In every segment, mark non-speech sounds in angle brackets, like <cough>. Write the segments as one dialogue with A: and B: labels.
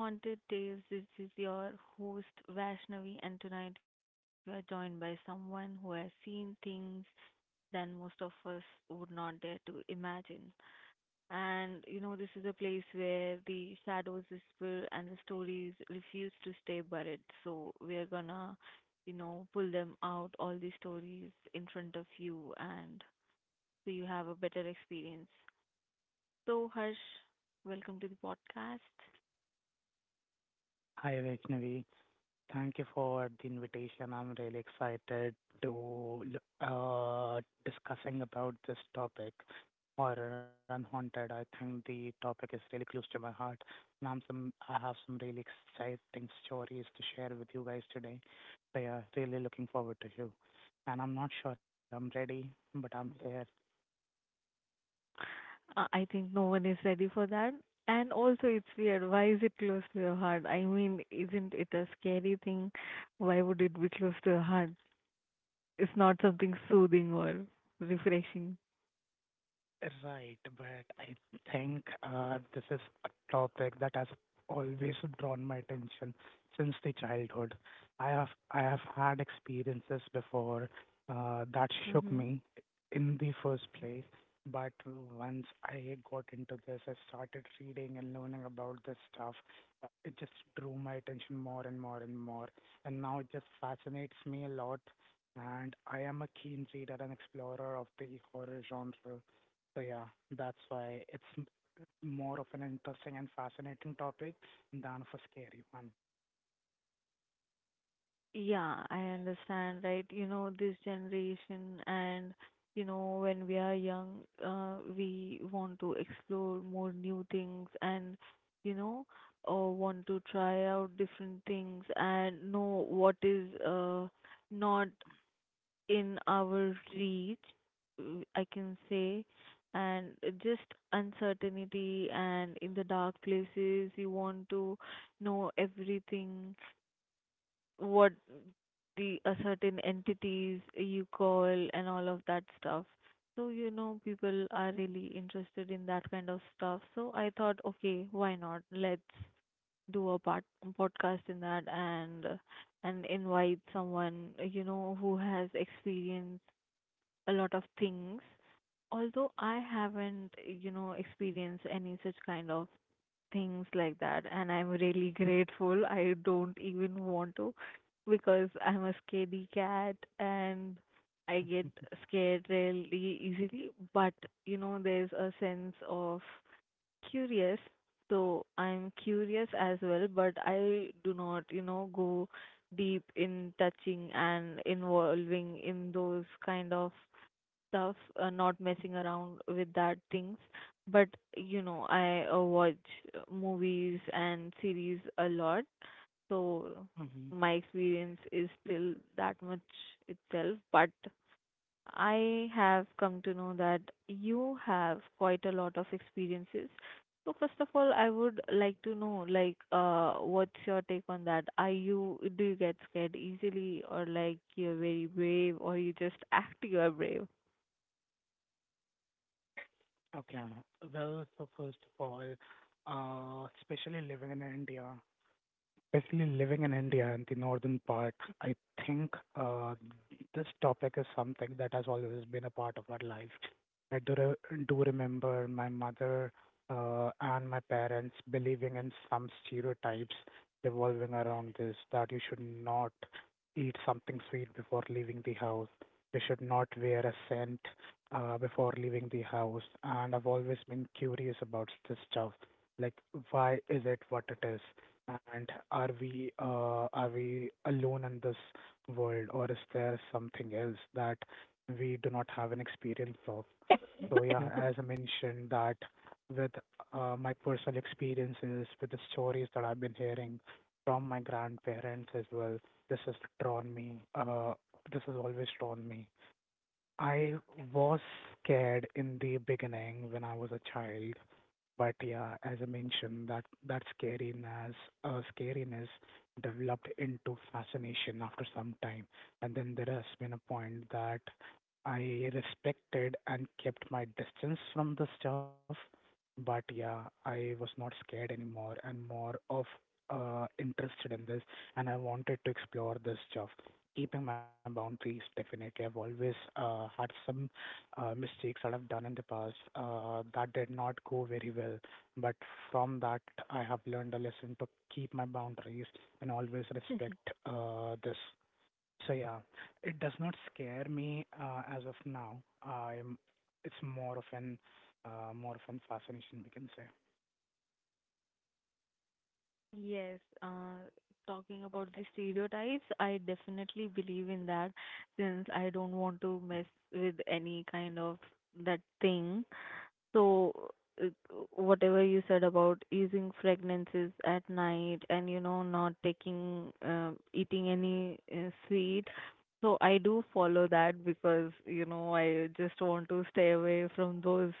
A: Haunted Tales. This is your host Vaishnavi, and tonight we are joined by someone who has seen things that most of us would not dare to imagine. And you know, this is a place where the shadows whisper and the stories refuse to stay buried. So we are gonna, pull them out, all the stories in front of you, and so you have a better experience. So Harsh, welcome to the podcast.
B: Hi, Vaishnavi. Thank you for the invitation. I'm really excited to uh, discussing about this topic, horror and haunted. I think the topic is really close to my heart, and I have some really exciting stories to share with you guys today. So yeah, really looking forward to you. And I'm not sure I'm ready, but I'm here.
A: I think no one is ready for that. And also, it's weird. Why is it close to your heart? I mean, isn't it a scary thing? Why would it be close to your heart? It's not something soothing or refreshing.
B: Right, but I think this is a topic that has always drawn my attention since the childhood. I have had experiences before that shook
A: Mm-hmm.
B: me in the first place, but once I got into this, I started reading and learning about this stuff, it just drew my attention more and more and more. And now it just fascinates me a lot. And I am a keen reader and explorer of the horror genre. So yeah, that's why it's more of an interesting and fascinating topic than of a scary one.
A: Yeah, I understand, right? You know, this generation and you know, when we are young, we want to explore more new things and you know, want to try out different things and know what is not in our reach, uh, I can say, and just uncertainty and in the dark places, you want to know everything what the certain entities you call and all of that stuff. So, you know, people are really interested in that kind of stuff. So I thought, okay, why not? Let's do a part podcast in that and invite someone, who has experienced a lot of things. Although I haven't, you know, experienced any such kind of things like that, and I'm really grateful. I don't even want to, because I'm a scaredy cat and I get scared really easily. But you know, there's a sense of curious, so I'm curious as well, but I do not, you know, go deep in touching and involving in those kind of stuff, not messing around with that things. But I watch movies and series a lot, so
B: hmm
A: my experience is still that much itself. But I have come to know that you have quite a lot of experiences. So first of all, I would like to know, like, what's your take on that? Are you do you get scared easily, or like you're very brave, or you just act you are brave?
B: Okay. Well, so first of all, especially living in India, basically, living in India and the northern part, I think uh, this topic is something that has always been a part of our life. I do remember my mother and my parents believing in some stereotypes revolving around this, that you should not eat something sweet before leaving the house, you should not wear a scent before leaving the house. And I've always been curious about this stuff, like, why is it what it is? And are we alone in this world, or is there something else that we do not have an experience of? So yeah,
A: <laughs>
B: as I mentioned, that with my personal experiences, with the stories that I've been hearing from my grandparents as well, this has drawn me. This has always drawn me. I was scared in the beginning when I was a child, but yeah, as I mentioned, that that scariness developed into fascination after some time, and then there has been a point that I respected and kept my distance from the stuff. But yeah, I was not scared anymore, and more of interested in this, and I wanted to explore this stuff. Keeping my boundaries, definitely. I've always had some mistakes that I've done in the past that did not go very well. But from that, I have learned a lesson to keep my boundaries and always respect this. So yeah, it does not scare me as of now. I'm. It's more of an fascination, we can say.
A: Yes, talking about the stereotypes, I definitely believe in that, since I don't want to mess with any kind of that thing. So, uh, whatever you said about using fragrances at night and you know, not taking, eating any sweet. So, I do follow that because you know, I just want to stay away from those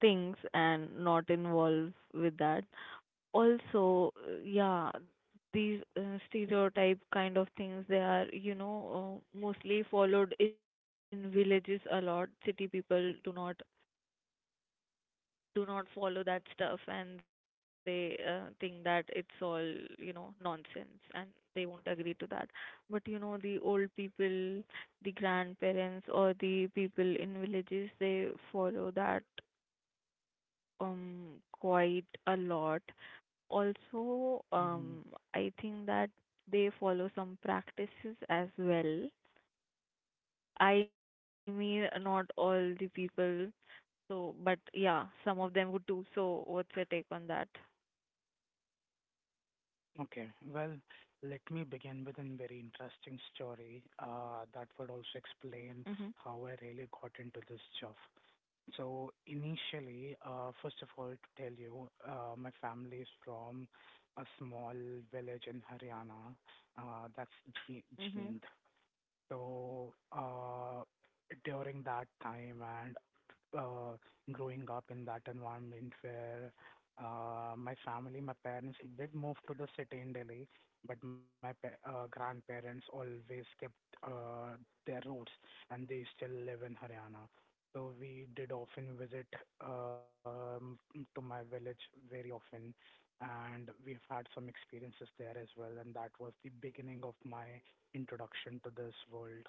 A: things and not involve with that. Also yeah, these stereotype kind of things, they are you know mostly followed in villages a lot. City people do not follow that stuff and they think that it's all you know nonsense and they won't agree to that. But you know, the old people, the grandparents or the people in villages, they follow that quite a lot. Also,
B: hmm
A: I think that they follow some practices as well. I mean, not all the people, so but yeah, some of them would do. So what's your take on that?
B: Okay, well, let me begin with a very interesting story that would also
A: Mhm.
B: explain how I really got into this job. So initially, first of all, to tell you, my family is from a small village in Haryana, that's Ji-
A: Mhm.
B: Jind. So during that time and uh, growing up in that environment where my family, my parents did move to the city in Delhi, but my grandparents always kept uh, their roots, and they still live in Haryana. So we did often visit um, to my village very often, and we've had some experiences there as well. And that was the beginning of my introduction to this world.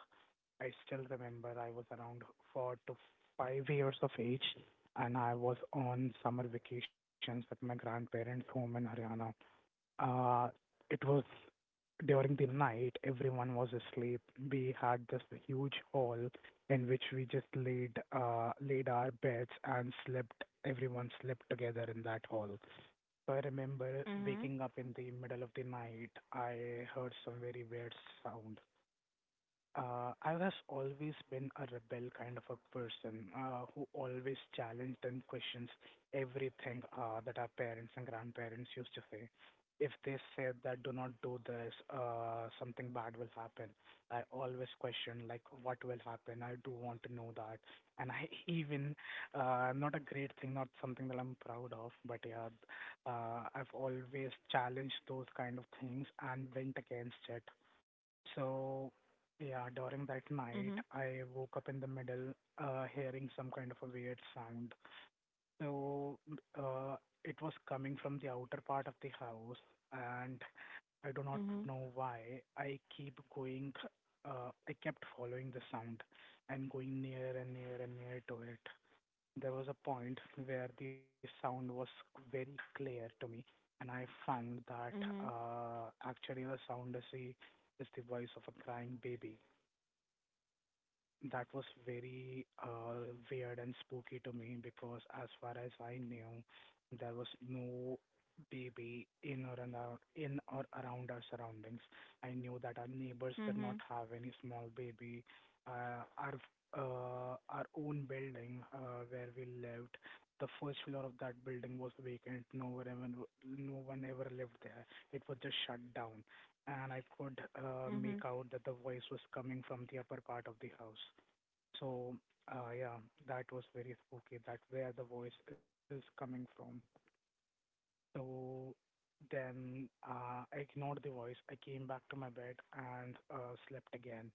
B: I still remember I was around 4 to 5 years of age, and I was on summer vacations at my grandparents' home in Haryana. Uh, it was during the night, everyone was asleep. We had this huge hall in which we just laid our beds and slept. Everyone slept together in that hall. So I remember
A: Mhm.
B: waking up in the middle of the night. I heard some very weird sound. I have always been a rebel kind of a person who always challenged and questions everything that our parents and grandparents used to say. If they said that do not do this, something bad will happen. I always question like what will happen. I do want to know that, and I <laughs> even, not a great thing, not something that I'm proud of, but yeah, I've always challenged those kind of things and went against it. So, yeah, during that night, I woke up in the middle, hearing some kind of a weird sound. So, uh, it was coming from the outer part of the house, and I do not
A: Mhm.
B: know why. I kept following the sound and going near and near and near to it. There was a point where the sound was very clear to me, and I found that
A: Mhm.
B: actually the sound is the voice of a crying baby. That was very weird and spooky to me because, as far as I knew, there was no baby in or around our surroundings. I knew that our neighbors did
A: Mhm.
B: not have any small baby. Uh, our our own building where we lived, the first floor of that building was vacant. No one ever lived there. It was just shut down, and I could
A: Mhm.
B: make out that the voice was coming from the upper part of the house. So, yeah, that was very spooky. That where the voice is coming from. So then I ignored the voice. I came back to my bed and slept again.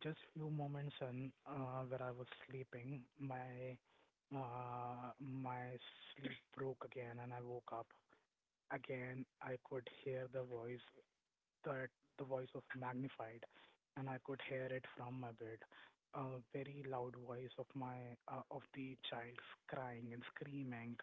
B: Just few moments in where I was sleeping, my sleep broke again and I woke up. Again, I could hear the voice that the voice was magnified, and I could hear it from my bed. A very loud voice of my of the child crying and screaming.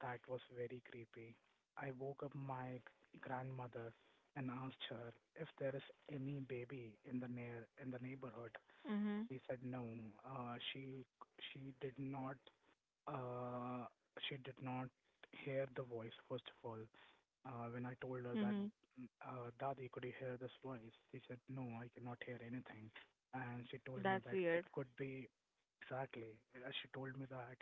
B: That was very creepy. I woke up my grandmother and asked her if there is any baby in the neighborhood.
A: Mhm. Mhm.
B: She said no. Uh, she she did not, uh, she did not hear the voice first of all. When I told her that,
A: Mhm.
B: Dadi, could you hear this voice? She said, no, I cannot hear anything. And she told me
A: That's
B: that it
A: weird.
B: could be exactly. She told me that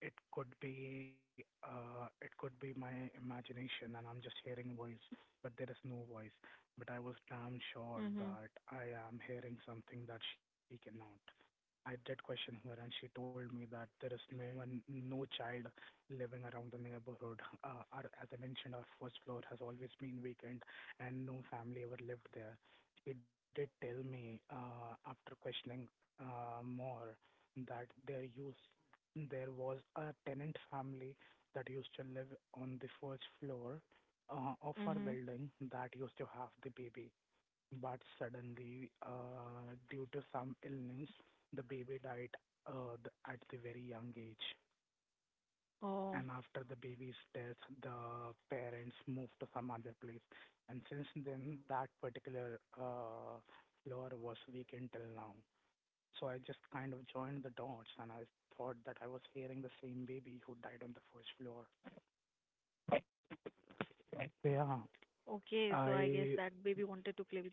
B: it could be my imagination, and I'm just hearing voice, but there is no voice. But I was damn sure
A: Mhm.
B: that I am hearing something that she cannot. I did question her, and she told me that there is no one, no child living around the neighborhood. As I mentioned, our first floor has always been vacant, and no family ever lived there. She did tell me after questioning more that there was a tenant family that used to live on the first floor of our
A: Mhm.
B: building that used to have the baby. But suddenly, due to some illness, the baby died, at the very young age.
A: Oh,
B: And after the baby's death, the parents moved to some other place. And since then, that particular floor was vacant till now. So I just kind of joined the dots and I thought that I was hearing the same baby who died on the first floor. So yeah,
A: okay. So I guess that baby
B: I
A: wanted to play with you.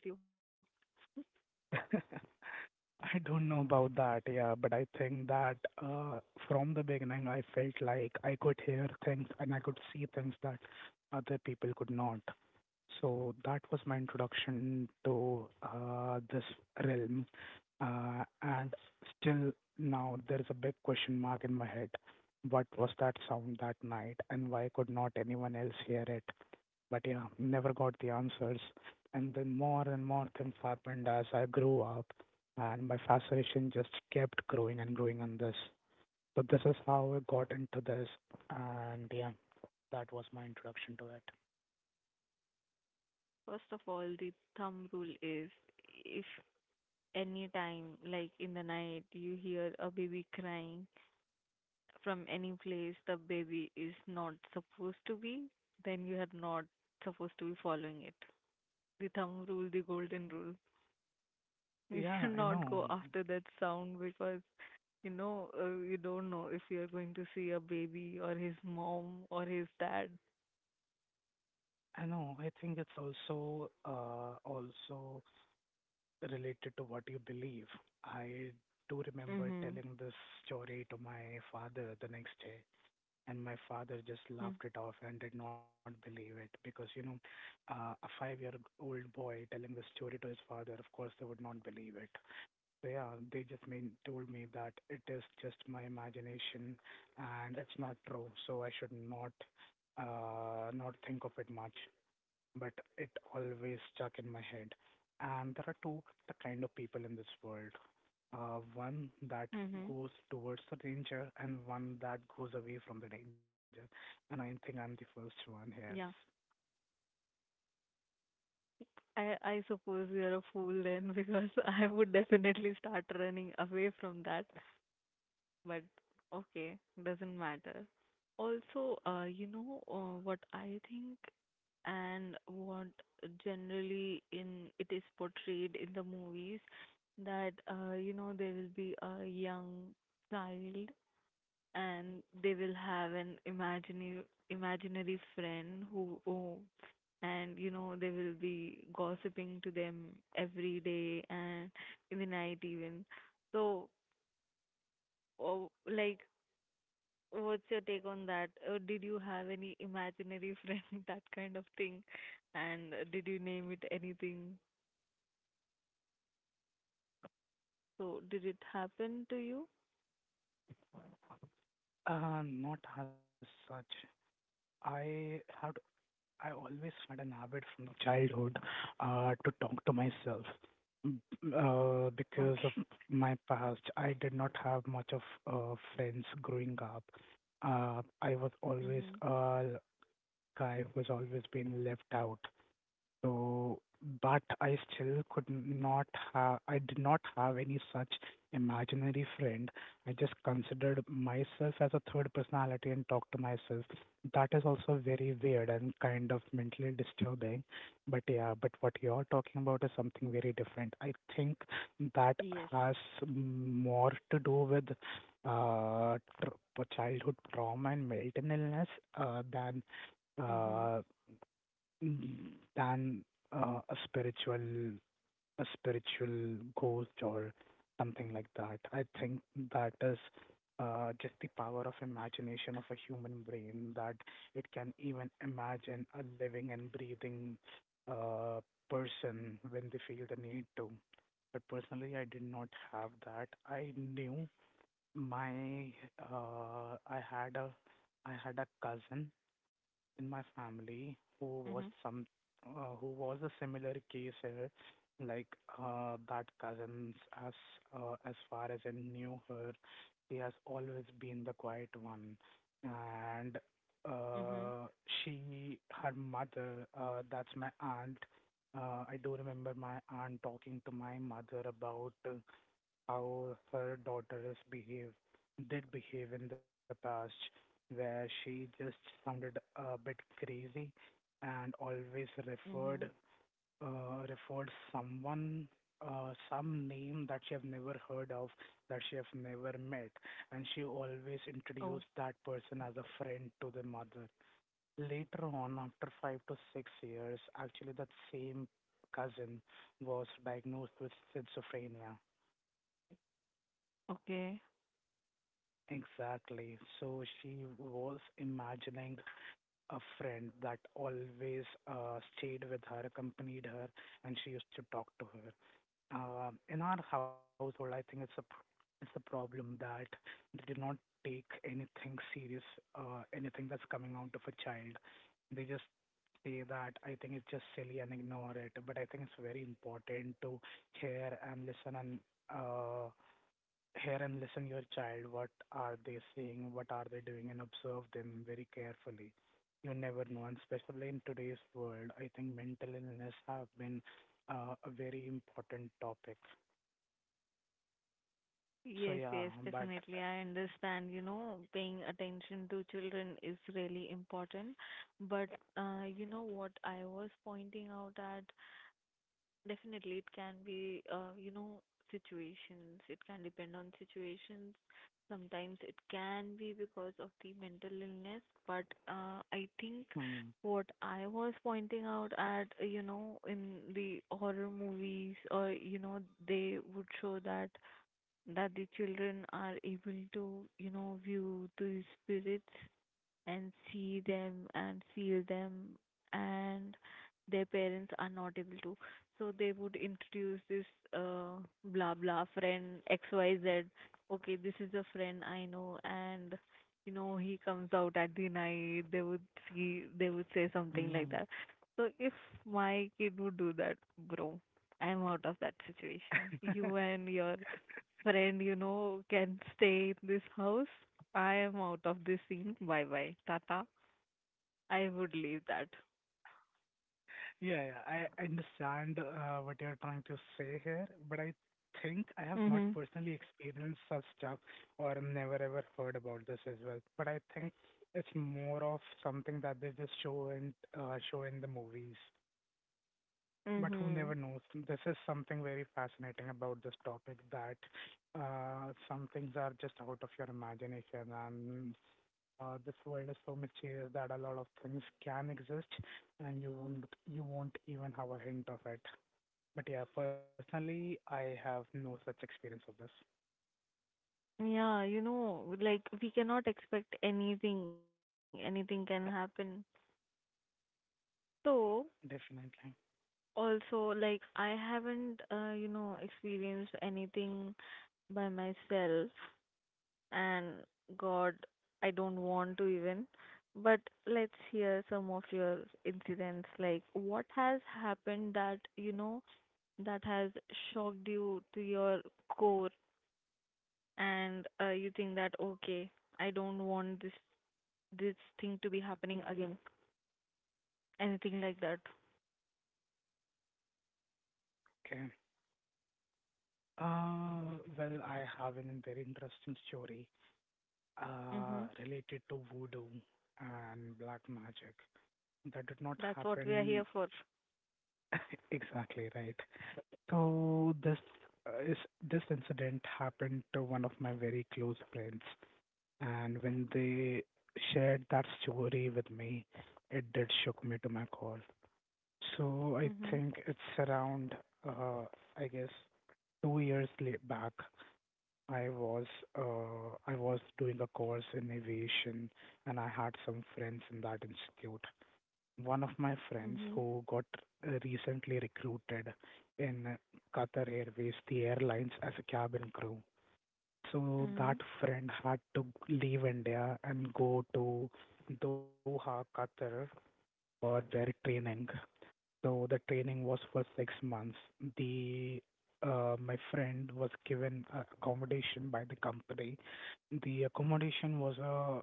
B: <laughs> I don't know about that, yeah, but I think that uh, from the beginning, I felt like I could hear things and I could see things that other people could not. So that was my introduction to this realm. And still now, there's a big question mark in my head. What was that sound that night, and why could not anyone else hear it? But yeah, never got the answers. And then more and more things happened as I grew up, and my fascination just kept growing and growing on this. So this is how I got into this, and yeah, that was my introduction to it.
A: First of all, the thumb rule is, if any time, like in the night, you hear a baby crying from any place the baby is not supposed to be, then you are not supposed to be following it. The thumb rule, the golden rule. <laughs> You should
B: Yeah, I
A: not go
B: know.
A: after that sound because you know you don't know if you are going to see a baby or his mom or his dad.
B: I know. I think it's also also related to what you believe. I do remember
A: Mhm.
B: telling this story to my father the next day, and my father just
A: Mhm.
B: laughed it off and did not believe it because, you know, a 5 year old boy telling the story to his father, of course, they would not believe it. So, yeah, told me that it is just my imagination and it's not true. So, I should not not think of it much, but it always stuck in my head. And there are two the kind of people in this world. One that
A: Mhm.
B: goes towards the danger and one that goes away from the danger. And I think I'm the first one
A: Yeah.
B: here.
A: I suppose you're a fool then, because <laughs> I would definitely start running away from that. But okay, doesn't matter. Also, what I think and what generally in it is portrayed in the movies, that you know there will be a young child, and they will have an imaginary friend who oh, and you know they will be gossiping to them every day and in the night even, so oh, like what's your take on that? Did you have any imaginary friend <laughs> that kind of thing, and did you name it anything? So did it happen to you?
B: Not as such. I had. I always had an habit from the childhood to talk to myself. Because
A: Okay.
B: of my past, I did not have much of friends growing up. Uh, I was always
A: Mhm.
B: a guy who's always been left out. So, but I still could not I did not have any such imaginary friend. I just considered myself as a third personality and talked to myself. That is also very weird and kind of mentally disturbing. But yeah, but what you're talking about is something very different. I think that
A: Yes.
B: has more to do with childhood trauma and mental illness uh, than.
A: Mhm.
B: uh, than a spiritual ghost or something like that. I think that is just the power of imagination of a human brain that it can even imagine a living and breathing uh, person when they feel the need to. But personally, I did not have that. I knew my uh, I had a I had a cousin in my family
A: Mhm.
B: who was some who was a similar case here, like that cousins as as far as I knew her, she has always been the quiet one, and
A: Mhm.
B: uh, she her mother, that's my aunt. I do remember my aunt talking to my mother about how her daughters behave did behave in the past, where she just sounded a bit crazy and always referred
A: Mhm.
B: referred someone, some name that she have never heard of, that she have never met, and she always
A: Oh.
B: introduced that person as a friend to the mother. Later on, after 5 to 6 years, actually that same cousin was diagnosed with schizophrenia.
A: Okay.
B: Exactly. So she was imagining a friend that always stayed with her, accompanied her, and she used to talk to her. In our household, I think it's a it's a problem that they do not take anything serious, anything that's coming out of a child. They just say that I think it's just silly and ignore it. But I think it's very important to hear and listen and uh, hear and listen your child, what are they saying, what are they doing, and observe them very carefully. You never know, and especially in today's world, I think mental illness have been a very important topic. So
A: Yes,
B: yeah,
A: yes,
B: but
A: definitely. I understand, you know, paying attention to children is really important. But you know what I was pointing out at? Definitely it can be, situations. It can depend on situations. Sometimes it can be because of the mental illness. But I think
B: mm,
A: what I was pointing out at, you know, in the horror movies, or you know, they would show that that the children are able to, you know, view the spirits and see them and feel them, and their parents are not able to. So they would introduce this uh, blah blah friend XYZ. Okay, this is a friend I know, and you know, he comes out at the night. They would see, they would say something like
B: mm.
A: that. So if my kid would do that, bro, I'm out of that situation. You
B: <laughs>
A: and your friend, you know, can stay in this house. I am out of this scene. Bye bye. Tata. I would leave that.
B: Yeah, yeah, I understand what you're trying to say here, but I think I have not
A: Mhm.
B: personally experienced such stuff or never ever heard about this as well. But I think it's more of something that they just show and show in the movies. But who never
A: Mhm.
B: knows? This is something very fascinating about this topic that some things are just out of your imagination, and this world is so mysterious that a lot of things can exist, and you won't even have a hint of it. But yeah, personally, I have no such experience of this.
A: Yeah, you know, like we cannot expect anything. Anything can happen. So
B: Definitely.
A: also, like I haven't, you know, experienced anything by myself. And God, I don't want to even. But let's hear some of your incidents. Like, what has happened that, you know, that has shocked you to your core, and you think that, okay, I don't want this thing to be happening again. Anything like that.
B: Okay. Well, I have a very interesting story
A: Mm-hmm.
B: related to voodoo and black magic. That did not
A: That's
B: happen.
A: what we are here for.
B: <laughs> Exactly, right. So uh, is this incident happened to one of my very close friends, and when they shared that story with me, it did shook me to my core. So I
A: Mm-hmm.
B: think it's around, uh, I guess, back. I was I was doing a course in aviation, and I had some friends in that institute. One of my friends
A: Mm-hmm.
B: who got recently recruited in Qatar Airways, the airlines, as a cabin crew. So
A: Mm-hmm.
B: that friend had to leave India and go to Doha, Qatar for their training. So the training was for 6 months. The My friend was given accommodation by the company. The accommodation was a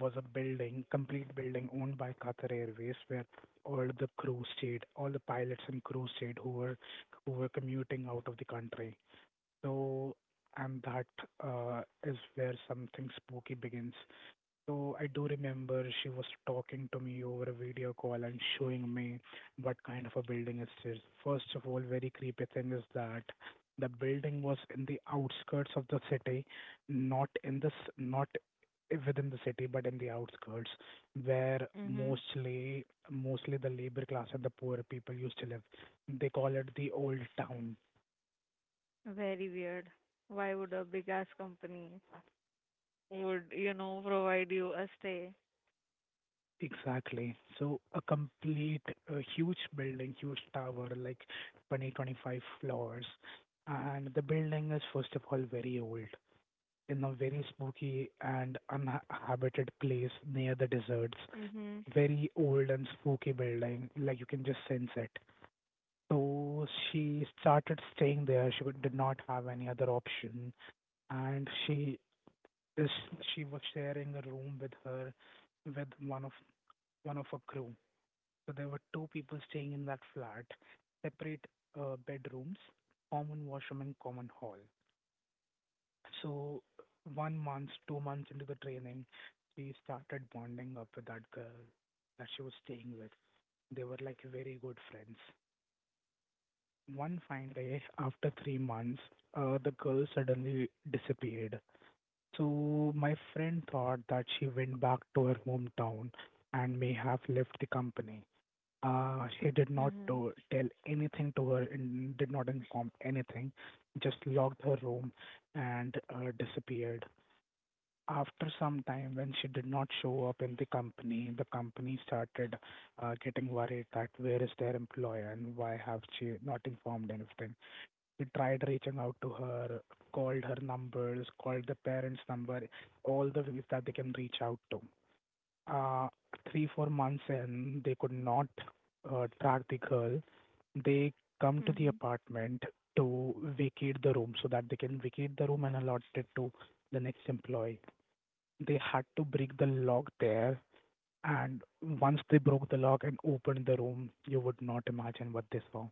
B: building, complete building owned by Qatar Airways, where all the crew stayed, all the pilots and crew stayed who were commuting out of the country. So, and that is where something spooky begins. So I do remember she was talking to me over a video call and showing me what kind of a building it is. First of all, very creepy thing is that the building was in the outskirts of the city, not in this, not within the city, but in the outskirts, where
A: Mm-hmm.
B: mostly the labor class and the poor people used to live. They call it the old town.
A: Very weird. Why would a big ass company would, you know, provide you a stay.
B: Exactly. So a huge building, huge tower, like 20, 25 floors. And the building is, first of all, very old, in a very spooky and uninhabited place near the deserts.
A: Mhm.
B: Very old and spooky building, like you can just sense it. So she started staying there. Did not have any other option. And is, she was sharing a room with her, with one of her crew. So there were 2 people staying in that flat, separate bedrooms, common washroom and common hall. So 1 month, 2 months into the training, she started bonding up with that girl that she was staying with. They were like very good friends. One fine day, after 3 months, the girl suddenly disappeared. So my friend thought that she went back to her hometown and may have left the company. He did not
A: Mhm.
B: to, tell anything to her and did not inform anything, just locked her room and disappeared. After some time, when she did not show up in the company started getting worried that where is their employer and why have she not informed anything. We tried reaching out to her, called her numbers, called the parents' number, all the ways that they can reach out to uh, 3, 4 months, and they could not track the girl. They come to the
A: Mhm.
B: apartment to vacate the room so that they can vacate the room and allot it to the next employee. They had to break the lock there, and once they broke the lock and opened the room, you would not imagine what they saw.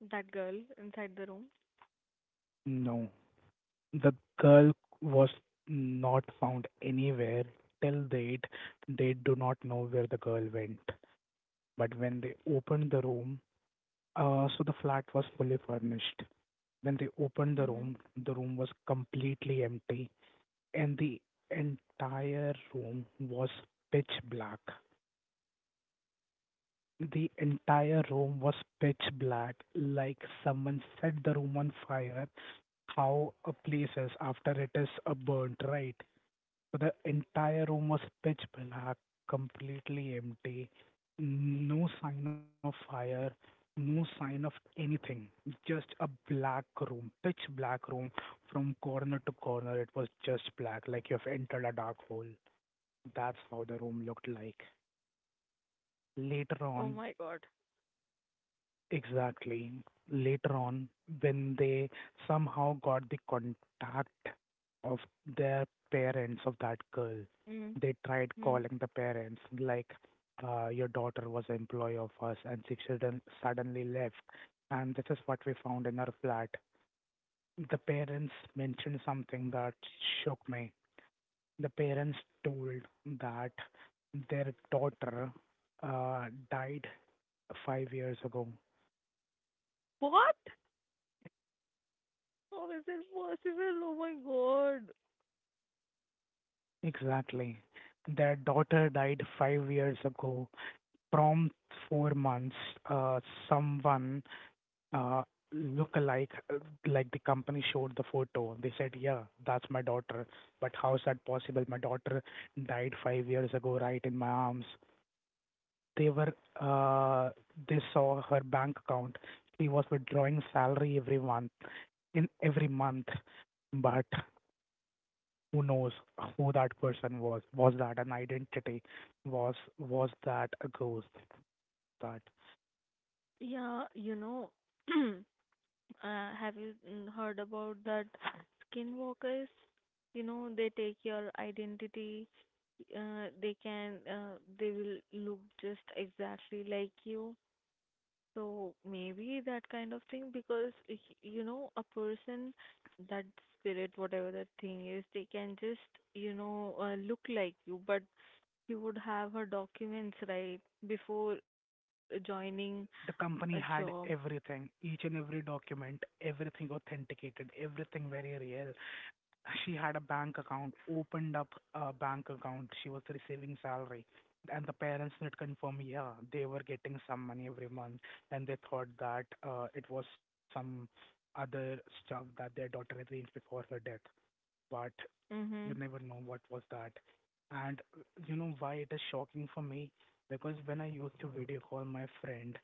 A: That girl inside the room.
B: No, the girl was not found anywhere. Till date, they do not know where the girl went. But when they opened the room, so the flat was fully furnished. When they opened
A: Mhm.
B: the room was completely empty, and the entire room was pitch black. The entire room was pitch black, like someone set the room on fire. How a place is after it is burnt, right? So the entire room was pitch black, completely empty, no sign of fire, no sign of anything, just a black room, pitch black room from corner to corner. It was just black, like you've entered a dark hole. That's how the room looked like. Later
A: Oh
B: on,
A: my god.
B: exactly. Later on, when they somehow got the contact of their parents of that girl,
A: Mhm.
B: they tried
A: Mhm.
B: calling the parents like, your daughter was an employee of us and she suddenly left. And this is what we found in her flat. The parents mentioned something that shook me. The parents told that their daughter uh, died 5 years ago.
A: What? How is it possible? Oh my god.
B: Exactly. Their daughter died 5 years ago from 4 months. Uh, someone uh, look-alike, like the company showed the photo. They said, "Yeah, that's my daughter. But how's that possible? My daughter died 5 years ago, right in my arms." They were. Uh, they saw her bank account. She was withdrawing salary every month, in every month. But who knows who that person was? Was that an identity? Was that a ghost? That
A: Yeah, you know, <clears throat> uh, have you heard about that skinwalkers? You know, they take your identity. They can, they will look just exactly like you. So maybe that kind of thing, because you know a person, that spirit whatever that thing is, they can just you know look like you, but you would have her documents, right, before joining a
B: the company
A: job.
B: had everything, each and every document, everything authenticated, everything very real. She had a bank account opened up, a bank account. She was receiving salary, and the parents did confirm, yeah, they were getting some money every month, and they thought that it was some other stuff that their daughter had arranged before her death. But you
A: Mhm.
B: never know what was that. And you know why it is shocking for me? Because when I used to video call my friend,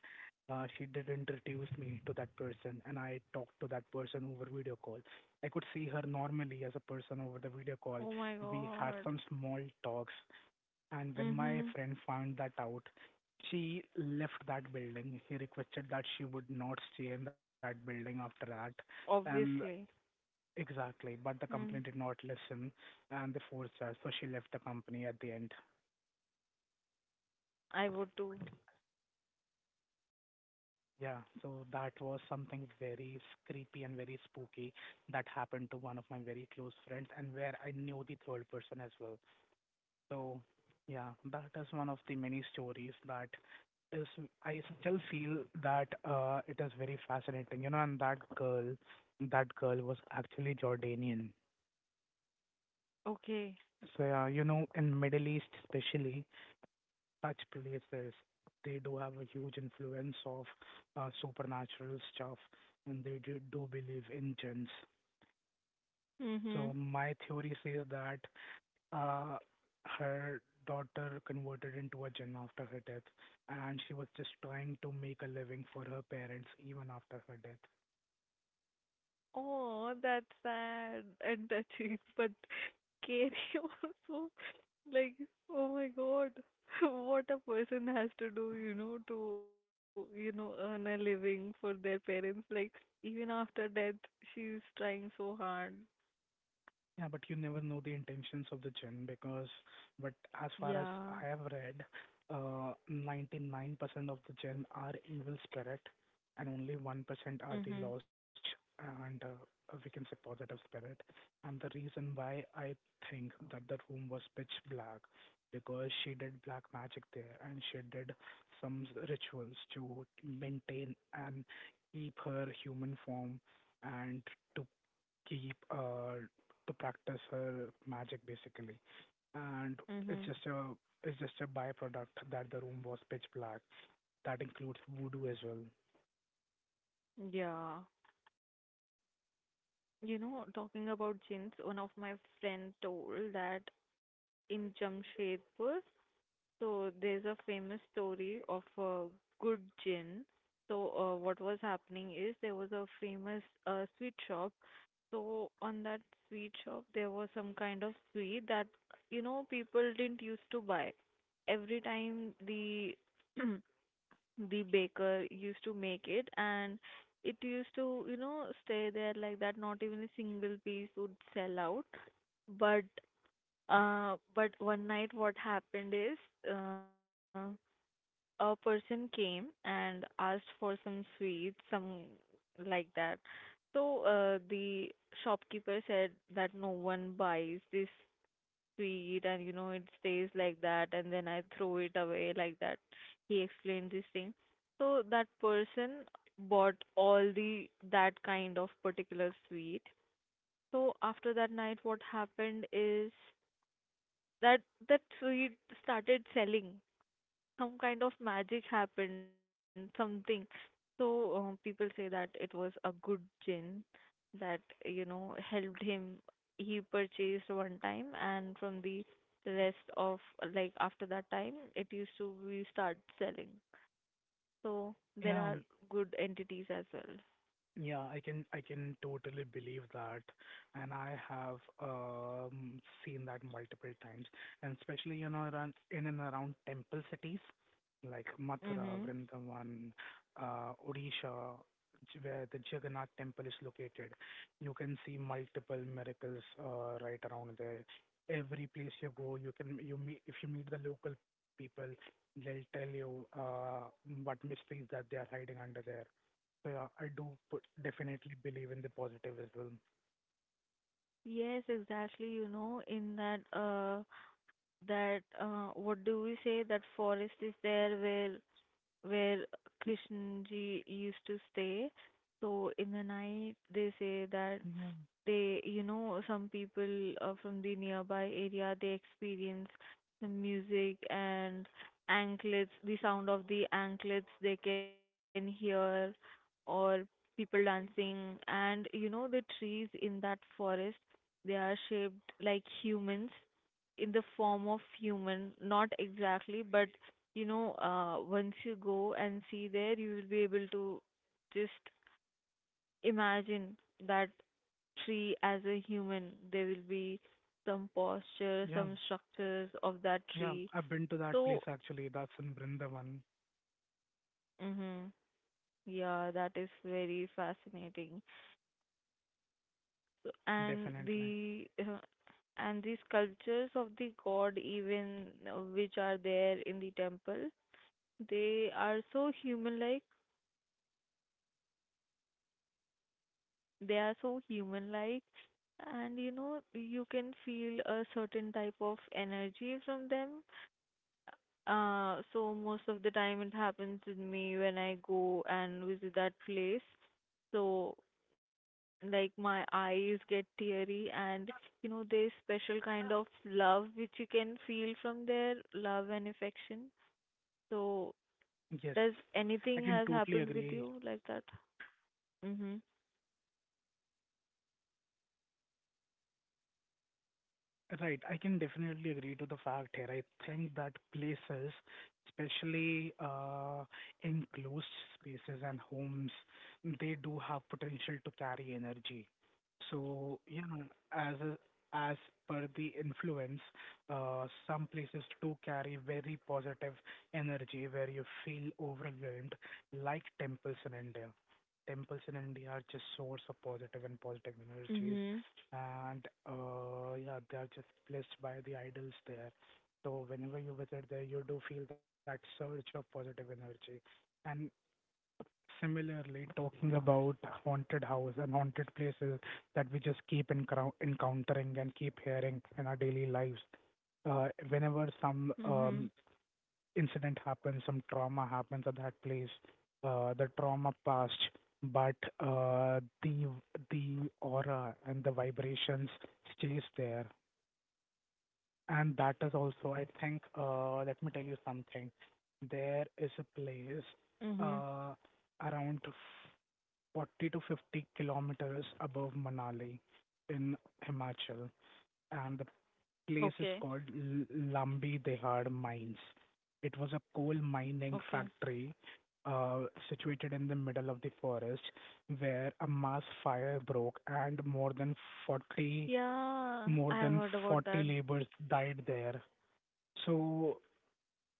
B: she did introduce me to that person, and I talked to that person over video call. I could see her normally as a person over the video call.
A: Oh my
B: We had
A: god.
B: some small talks, and when my
A: Mhm.
B: friend found that out, she left that building. She requested that she would not stay in that building after that, and
A: Obviously.
B: exactly, but the company did
A: Mm.
B: not listen and they forced her, so she left the company at the end.
A: I would too.
B: Yeah, so that was something very creepy and very spooky that happened to one of my very close friends and where I knew the third person as well. So, yeah, that is one of the many stories that is, I still feel that it is very fascinating, you know, and that girl was actually Jordanian.
A: Okay.
B: So, yeah, you know, in Middle East especially, such places. They do have a huge influence of supernatural stuff, and they do, do believe in jinns. So
A: Mhm.
B: my theory says that uh, her daughter converted into a jinn after her death, and she was just trying to make a living for her parents even after her death.
A: Oh, that's sad and touching, but Katie also, like, oh my God, <laughs> what a person has to do, you know, to, you know, earn a living for their parents. Like, even after death, she's trying so hard.
B: Yeah, but you never know the intentions of the gym but as far as
A: Yeah.
B: I have read, 99% of the gym are evil spirit, and only 1% are the
A: Mhm.
B: lost, and we can say positive spirit. And the reason why I think that the room was pitch black, because she did black magic there, and she did some rituals to maintain and keep her human form, and to keep uh, to practice her magic basically, and it's
A: Mhm.
B: just a it's just a byproduct that the room was pitch black. That includes voodoo as well.
A: Yeah. You know, talking about jinns, one of my friend told that in Jamshedpur, so there's a famous story of a good gin. So what was happening is there was a famous sweet shop. So on that sweet shop there was some kind of sweet that you know people didn't used to buy. Every time the <clears throat> the baker used to make it and it used to you know stay there like that. Not even a single piece would sell out. But but one night what happened is uh, a person came and asked for some sweets, some like that. So the shopkeeper said that no one buys this sweet and you know it stays like that and then I throw it away like that. He explained this thing. So that person bought all the that kind of particular sweet. So after that night what happened is that that sweet started selling, some kind of magic happened, something. So people say that it was a good gin that you know helped him. He purchased one time, and from the rest of, like after that time, it used to be start selling. So there
B: Yeah, um,
A: are good entities as well.
B: Yeah, I can totally believe that, and I have seen that multiple times, and especially around in and around temple cities like Mathura,
A: Mm-hmm.
B: Vrindavan, Odisha, where the Jagannath temple is located. You can see multiple miracles right around there. Every place you go, you can you meet if you meet the local people, they'll tell you what mysteries that they are hiding under there. So yeah, I do definitely believe in the positive as well.
A: Yes, exactly. You know, in that what do we say that forest is there where where Krishna ji used to stay. So in the night, they say that
B: Yeah,
A: they you know some people from the nearby area they experience the music and anklets, the sound of the anklets they can hear, or people dancing, and you know the trees in that forest, they are shaped like humans, in the form of human, not exactly, but you know once you go and see there you will be able to just imagine that tree as a human, there will be some posture,
B: yeah,
A: some structures of that
B: yeah,
A: tree.
B: I've been to that
A: So,
B: place actually. That's in Brindavan,
A: hmm, yeah, that is very fascinating. So,
B: definitely.
A: and the sculptures of the god, even which are there in the temple, they are so human-like. They are so human-like, and you know, you can feel a certain type of energy from them. So most of the time it happens with me when I go and visit that place. So like my eyes get teary, and you know there's special kind of love which you can feel from there, love and affection. So
B: Yes,
A: does
B: I
A: anything
B: can
A: has
B: totally
A: happened with
B: agree.
A: you like that? Mhm.
B: Right, I can definitely agree to the fact here. I think that places, especially enclosed spaces and homes, they do have potential to carry energy. So, as a, as per the influence, some places do carry very positive energy where you feel overwhelmed, like temples in India. Temples in India are just source of positive and positive
A: Mhm.
B: energies, and yeah, they are just blessed by the idols there. So whenever you visit there, you do feel that surge of positive energy. And similarly, talking about haunted house and haunted places that we just keep encountering and keep hearing in our daily lives. Uh, Whenever
A: Mhm.
B: some incident happens, some trauma happens at that place, the trauma passed, but the aura and the vibrations stays there. And that is also, I think, let me tell you something. There is a place
A: Mhm.
B: uh, around 40 to 50 kilometers above Manali in Himachal, and the
A: Okay.
B: place is called Lambi Dehad Mines. It was a coal mining
A: Okay.
B: factory uh, situated in the middle of the forest, where a mass fire broke and more than 40
A: Yeah,
B: more
A: I've
B: than
A: heard about
B: 40
A: that.
B: laborers died there. So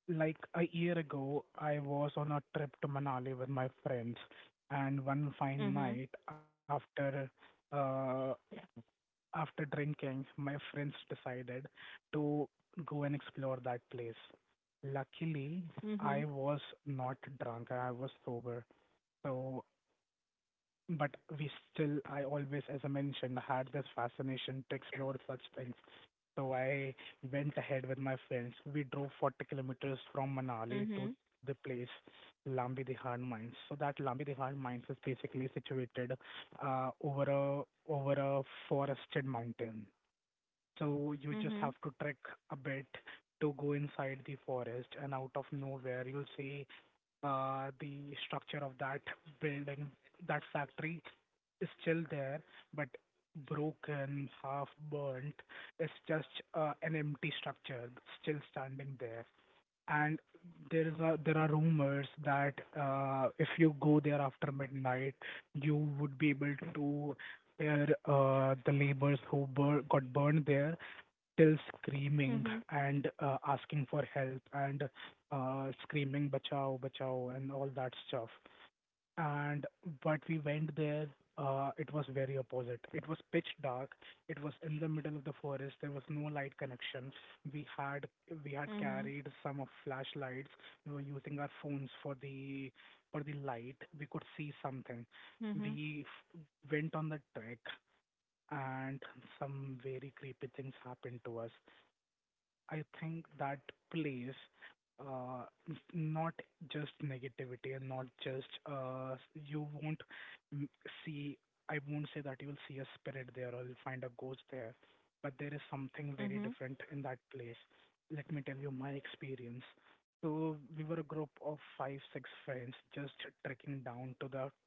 B: like a year ago, I was on a trip to Manali with my friends, and one fine
A: Mhm.
B: night, uh, after drinking, my friends decided to go and explore that place. Luckily, I
A: Mhm.
B: was not drunk. I was sober. So, but we still, I always, as I mentioned, had this fascination to explore such things. So I went ahead with my friends. We drove 40 kilometers from
A: Mhm.
B: Manali to the place Lambi Dihan Mines. So that Lambi Dihan Mines is basically situated uh, over a over a forested mountain. So you just have
A: Mhm.
B: to trek a bit to go inside the forest, and out of nowhere you'll see the structure of that building. That factory is still there, but broken, half burnt. It's just an empty structure still standing there. And there are rumors that if you go there after midnight, you would be able to hear the laborers who got burned there still screaming
A: Mhm.
B: and asking for help, and screaming bachao bachao and all that stuff. And but we went there, it was very opposite. It was pitch dark. It was in the middle of the forest. There was no light connection. We had we had
A: Mhm.
B: carried some of flashlights. We were using our phones for the light. We could see something.
A: Mhm.
B: We went on the trek, and some very creepy things happened to us. I think that plays not just negativity, and not just you won't m- see. I won't say that you will see a spirit there or you'll find a ghost there, but there is something very
A: Mhm.
B: different in that place. Let me tell you my experience. So we were a group of five, six friends just trekking down to that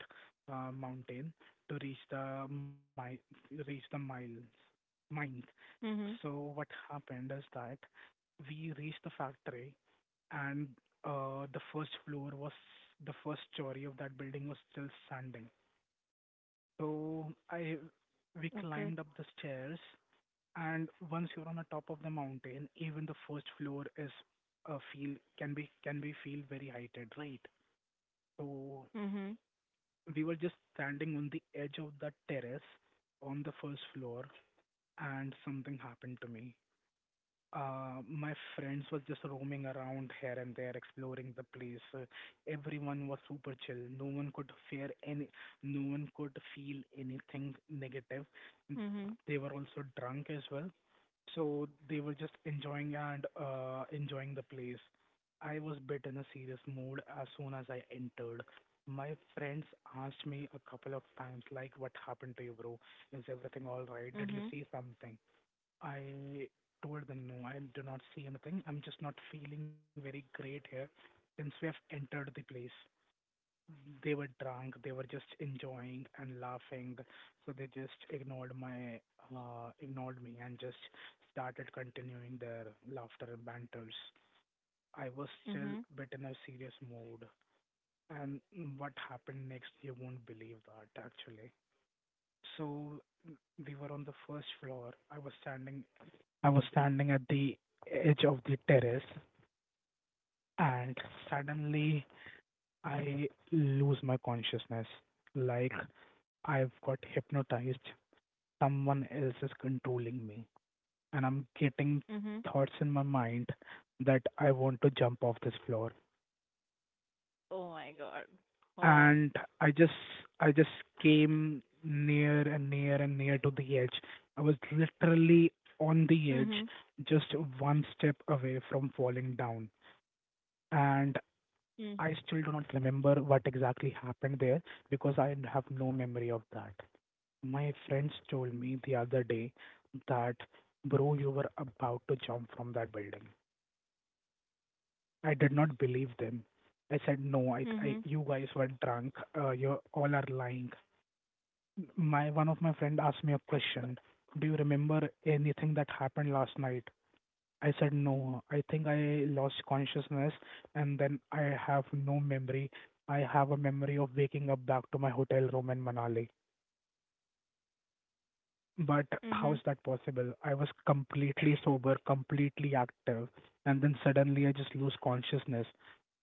B: mountain to reach the miles mines.
A: Mhm.
B: So what happened is that we reached the factory, and uh, the first floor was the first story of that building was still standing. So I
A: Okay.
B: we climbed up the stairs, and once you're on the top of the mountain, even the first floor is feel can be feel very heighted, right? So
A: Mhm.
B: we were just standing on the edge of that terrace on the first floor, and something happened to me. My friends was just roaming around here and there, exploring the place. Everyone was super chill. No one could fear any, No one could feel anything negative. N-
A: Mhm.
B: They were also drunk as well, so they were just enjoying the place. I was bit in a serious mood as soon as I entered. My friends asked me a couple of times, like, "What happened to you, bro? Is everything all right? Did you
A: Mhm.
B: see something?" I told them, no, I do not see anything. I'm just not feeling very great here since we have entered the place. They were drunk, they were just enjoying and laughing, so they just ignored me and just started continuing their laughter and banters. I was still
A: Mhm.
B: bit in a serious mood, and what happened next, you won't believe that actually. So we were on the first floor. I was standing at the edge of the terrace, and suddenly I lose my consciousness. Like I've got hypnotized. Someone else is controlling me. And I'm getting
A: Mhm.
B: thoughts in my mind that I want to jump off this floor.
A: Oh my God. Wow.
B: And I just I just came near and near and near to the edge. I was literally on
A: Mhm.
B: the edge, just one step away from falling down. And I
A: Mm.
B: still do not remember what exactly happened there, because I have no memory of that. My friends told me the other day that, bro, you were about to jump from that building. I did not believe them. I said, no, I
A: Mhm.
B: you guys were drunk. You all are lying. My One of my friend asked me a question. Do you remember anything that happened last night? I said no. I think I lost consciousness, and then I have no memory. I have a memory of waking up back to my hotel room in Manali. But how is
A: Mhm.
B: that possible? I was completely sober, completely active, and then suddenly I just lose consciousness.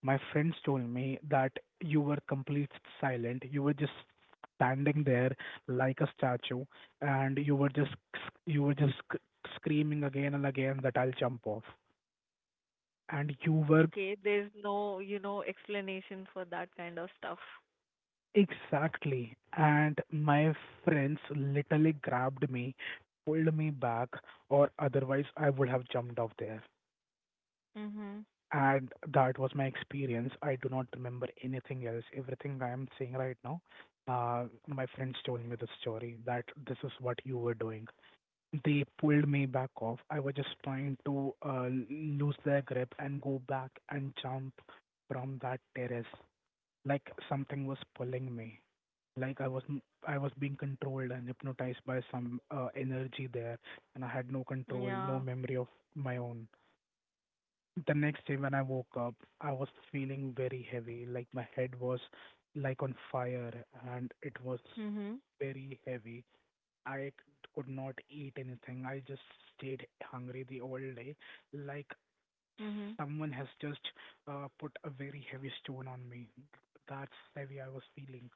B: My friends told me that you were complete silent. You were just standing there like a statue, and you were just screaming again and again that I'll jump off. And you were
A: Okay. There's no, you know, explanation for that kind of stuff.
B: exactly. And my friends literally grabbed me, pulled me back, or otherwise I would have jumped off there.
A: Mhm.
B: And that was my experience. I do not remember anything else. Everything I am saying right now, my friends told me the story that this is what you were doing. They pulled me back off. I was just trying to lose their grip and go back and jump from that terrace, like something was pulling me. Like I was being controlled and hypnotized by some energy there, and I had no control, no
A: Yeah.
B: memory of my own. The next day when I woke up, I was feeling very heavy, like my head was like on fire, and it was
A: Mhm.
B: very heavy. I could not eat anything. I just stayed hungry the whole day, like
A: Mhm.
B: someone has just put a very heavy stone on me. That's heavy I was feeling.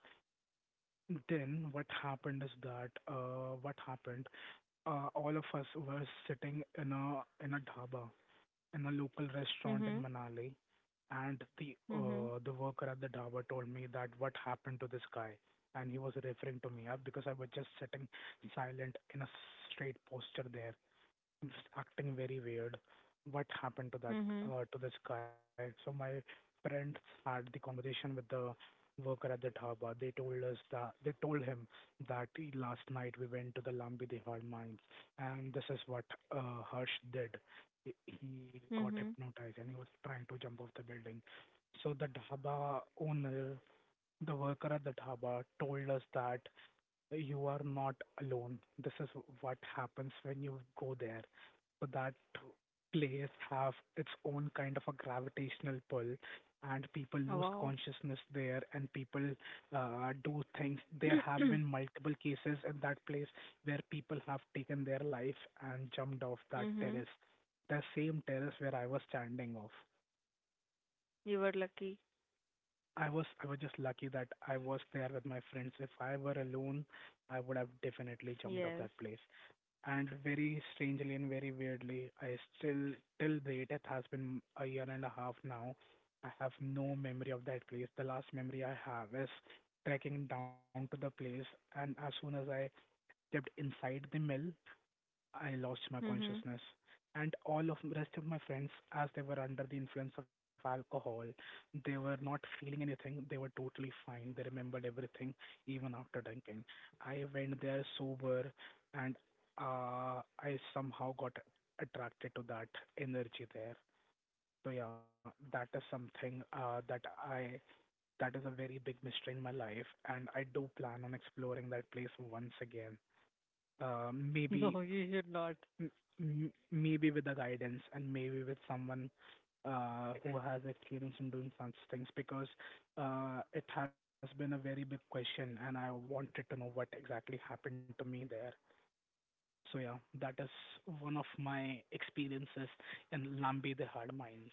B: Then what happened is that what happened? All of us were sitting in a dhaba, in a local restaurant in
A: Mhm.
B: Manali, and
A: Mhm.
B: the worker at the dhaba told me that what happened to this guy, and he was referring to me because I was just sitting silent in a straight posture there, just acting very weird. What happened to that
A: Mhm.
B: to this guy? So my friends had the conversation with the worker at the dhaba. They told us that they told him that last night we went to the Lambi Dehar mines, and this is what Harsh did. He got
A: Mhm.
B: hypnotized and he was trying to jump off the building. So the dhaba owner, the worker at the dhaba, told us that you are not alone. This is what happens when you go there. So that place have its own kind of a gravitational pull, and people lose
A: Wow.
B: consciousness there, and people do
A: <coughs>
B: things. There
A: <clears throat>
B: have been multiple cases in that place where people have taken their life and jumped off that
A: Mhm.
B: terrace, the same terrace where I was standing off.
A: You were lucky.
B: I was just lucky that I was there with my friends. If I were alone, I would have definitely jumped off
A: Yes.
B: that place. And very strangely and very weirdly, I still, till date, it has been a year and a half now. I have no memory of that place. The last memory I have is trekking down to the place, and as soon as I stepped inside the mill, I lost my
A: Mhm.
B: consciousness. And all of rest of my friends, as they were under the influence of alcohol, they were not feeling anything. They were totally fine. They remembered everything even after drinking. I went there sober, and I somehow got attracted to that energy there. So yeah, that is something I that is a very big mystery in my life, and I do plan on exploring that place once again. Uh,
A: <laughs>
B: maybe
A: No, you should not.
B: m- maybe with the guidance and maybe with someone who has experience in doing such things because it has been a very big question and I wanted to know what exactly happened to me there. So yeah, that is one of my experiences in Lambi the Hard Mines.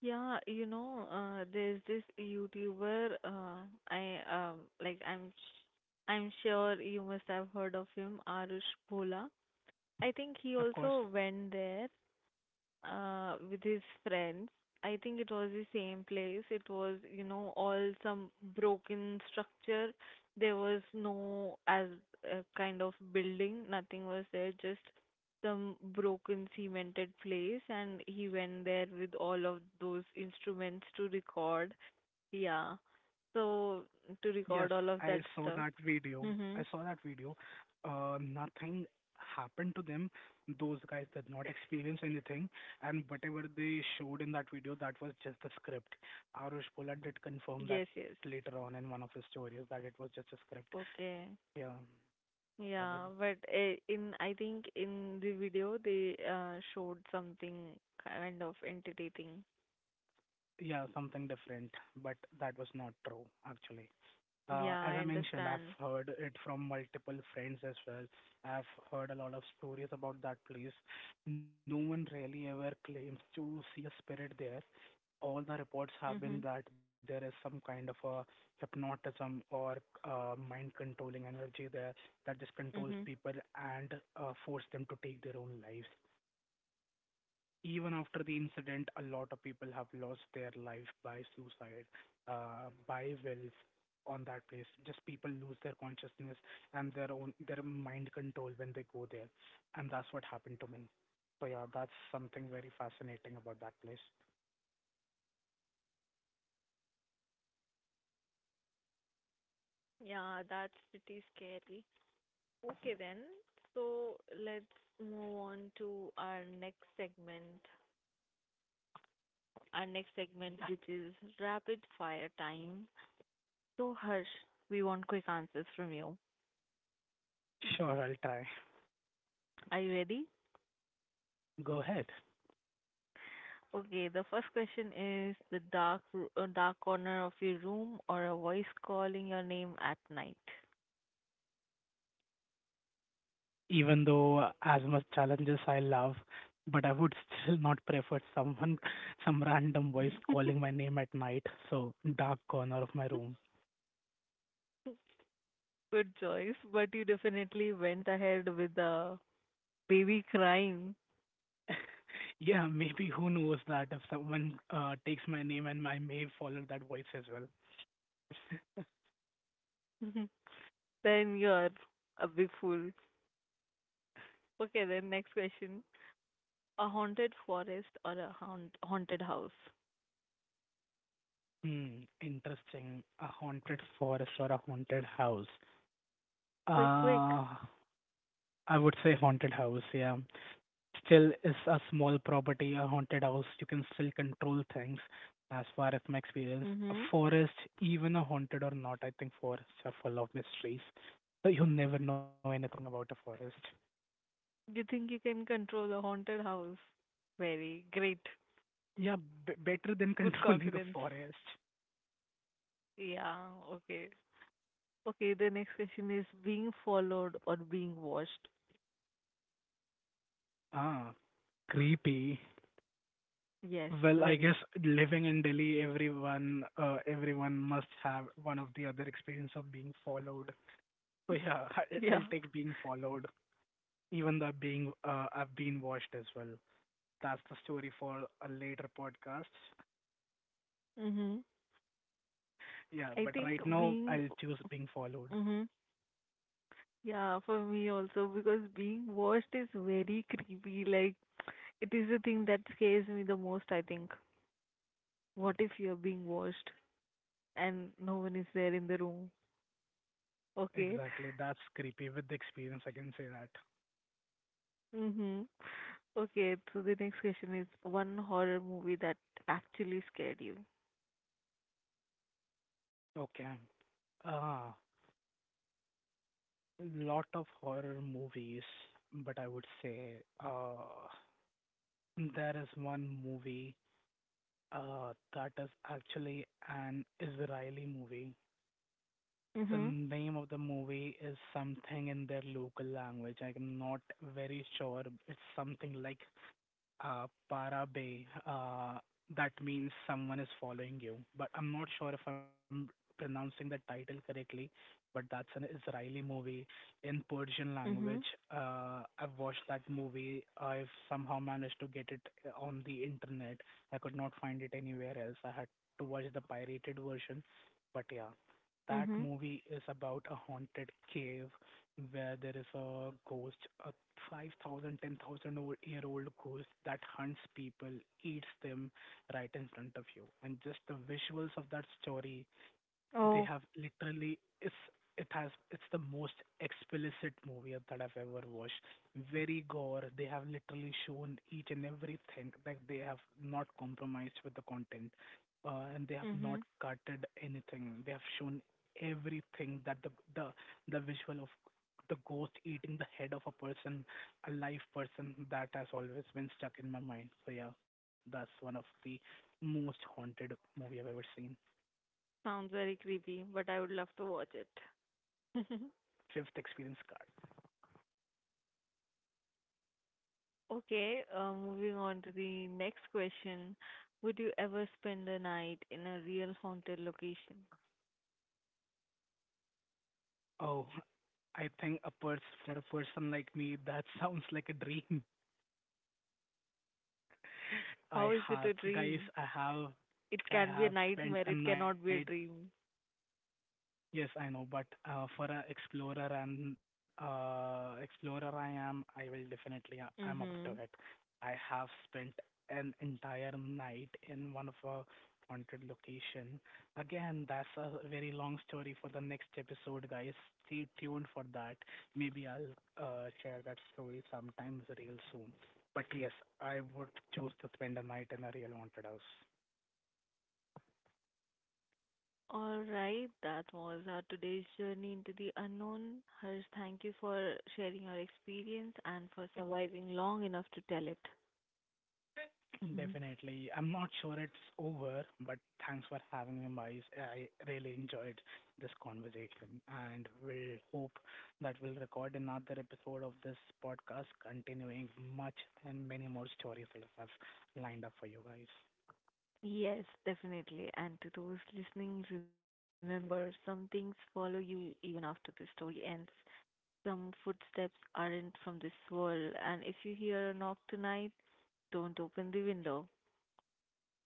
A: Yeah, there's this YouTuber. I like I'm sh- I'm sure you must have heard of him, Arush Bhola. I think he
B: Of course.
A: also went there with his friends. I think it was the same place. It was, you know, all some broken structure. There was no as a kind of building. Nothing was there. Just some broken cemented place, and he went there with all of those instruments to record. Yeah. So to
B: Yes,
A: record all of
B: I
A: that
B: saw that
A: stuff.
B: video. I
A: Mhm.
B: saw that video. Nothing happened to them. Those guys did not experience anything, and whatever they showed in that video, that was just the script. Arush Pola did confirm that
A: Yes. Yes.
B: later on in one of his stories that it was just a script.
A: Okay.
B: Yeah, yeah, but
A: Yeah, but eh, in I think in the video they showed something kind of intimidating.
B: yeah, something different. But that was not true, actually.
A: Yeah,
B: As
A: I
B: I mentioned, I've
A: understand.
B: heard it from multiple friends as well. I've heard a lot of stories about that place. No one really ever claims to see a spirit there. All the reports have been
A: Mhm.
B: that there is some kind of a hypnotism or mind controlling energy there that just controls
A: Mhm.
B: people and force them to take their own lives even after the incident. A lot of people have lost their life by suicide, by will on that place. Just people lose their consciousness and their own their mind control when they go there, and that's what happened to me. So yeah, that's something very fascinating about that place.
A: Yeah, that's pretty scary. Okay then. So let's move on to our next segment. Our next segment, which is rapid fire time. So Harsh, we want quick answers from you.
B: Sure, I'll try.
A: Are you ready?
B: Go ahead.
A: Okay, the first question is the dark corner of your room or a voice calling your name at night.
B: Even though as much challenges I love, but I would still not prefer someone, <laughs> some random voice calling
A: <laughs>
B: my name at night, so dark corner of my room.
A: Good choice, but you definitely went ahead with the baby crying.
B: Yeah, maybe who knows that if someone takes my name and I may follow that voice as well. <laughs>
A: <laughs> Then you're a big fool. Okay, then next question. A haunted forest or a haunted house?
B: Hmm, interesting. A haunted forest or a haunted house.
A: Quick, quick.
B: Uh, I would say haunted house, yeah. Still is a small property, a haunted house. You can still control things as far as my experience. A
A: Mm-hmm.
B: forest, even a haunted or not, I think forests are full of mysteries. So you never know anything about a forest.
A: You think you can control a haunted house? Very great.
B: Yeah,
A: Good
B: better than <laughs>
A: confidence.
B: controlling a forest.
A: Yeah, okay. Okay, the next question is being followed or being watched?
B: Ah, creepy.
A: Yes,
B: Well, I guess
A: very.
B: living in Delhi, everyone, everyone must have one of the other experience of being followed. So
A: <laughs>
B: yeah, <laughs>
A: Yeah.
B: I'll take being followed, even though being, I've been watched as well. That's the story for a later podcast. <laughs>
A: Mm-hmm.
B: Yeah,
A: I
B: but
A: think
B: right now
A: being,
B: I'll choose being followed.
A: mm-hmm. Yeah, for me also, because being watched is very creepy. Like, it is the thing that scares me the most, I think. What if you're being watched and no one is there in the room? Okay.
B: Exactly, that's creepy. With the experience, I can say that.
A: Mm-hmm. Okay, so the next question is one horror movie that actually scared you.
B: Okay. Ah, lot of horror movies, but I would say, uh, There is one movie that is actually an Israeli movie. The
A: Mm-hmm.
B: name of the movie is something in their local language. I'm not very sure. It's something like Parabe. That means someone is following you. But I'm not sure if I'm pronouncing the title correctly. But that's an Israeli movie in Persian
A: Mm-hmm.
B: language. I've watched that movie. I've somehow managed to get it on the internet. I could not find it anywhere else. I had to watch the pirated version. But yeah, that
A: Mm-hmm.
B: movie is about a haunted cave where there is a ghost, a 5,000, 10,000 year old ghost that hunts people, eats them right in front of you. And just the visuals of that story they
A: Oh.
B: have literally it's it has it's the most explicit movie that I've ever watched. Very gore. They have literally shown each and everything. Like they have not compromised with the content, and they have not
A: Mhm.
B: cutted anything. They have shown everything that the the visual of the ghost eating the head of a person, a live person, that has always been stuck in my mind. So yeah, that's one of the most haunted movie I've ever seen.
A: Sounds very creepy, but I would love to watch it. <laughs>
B: Fifth experience card.
A: Okay, moving on to the next question. Would you ever spend a night in a real haunted location?
B: Oh, I think a person for a person like me, that <laughs> sounds like a dream.
A: How
B: I
A: is it
B: have,
A: a
B: guys,
A: dream? It
B: I
A: can be a
B: have spent
A: nightmare,
B: a
A: it
B: night
A: cannot be a dream.
B: Yes, I know, but for a explorer and explorer I am, I will definitely I'm up to
A: Mm-hmm.
B: it. I have spent an entire night in one of a haunted location. Again, that's a very long story for the next episode, guys. Stay tuned for that. Maybe I'll share that story sometimes real soon. But yes, I would choose to spend a night in a real haunted house.
A: All right, that was our today's journey into the unknown. Harsh, thank you for sharing your experience and for surviving long enough to tell it. <laughs>
B: Definitely. I'm not sure it's over, but thanks for having me, Miles. I really enjoyed this conversation and we'll hope that we'll record another episode of this podcast continuing much and many more stories that I have lined up for you guys.
A: Yes, definitely. And to those listening, remember some things follow you even after the story ends. Some footsteps aren't from this world. And if you hear a knock tonight, don't open the window.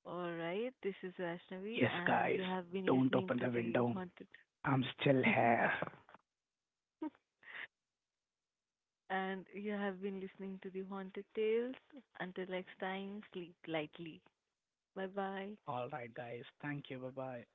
A: All right, this is Vaishnavi,
B: Yes,
A: and
B: guys,
A: you have been
B: don't
A: listening
B: open
A: to
B: the
A: the
B: window.
A: haunted.
B: I'm still
A: <laughs>
B: here.
A: And you have been listening to the haunted tales. Until next time, sleep lightly. Bye bye.
B: All right, guys. Thank you. Bye bye.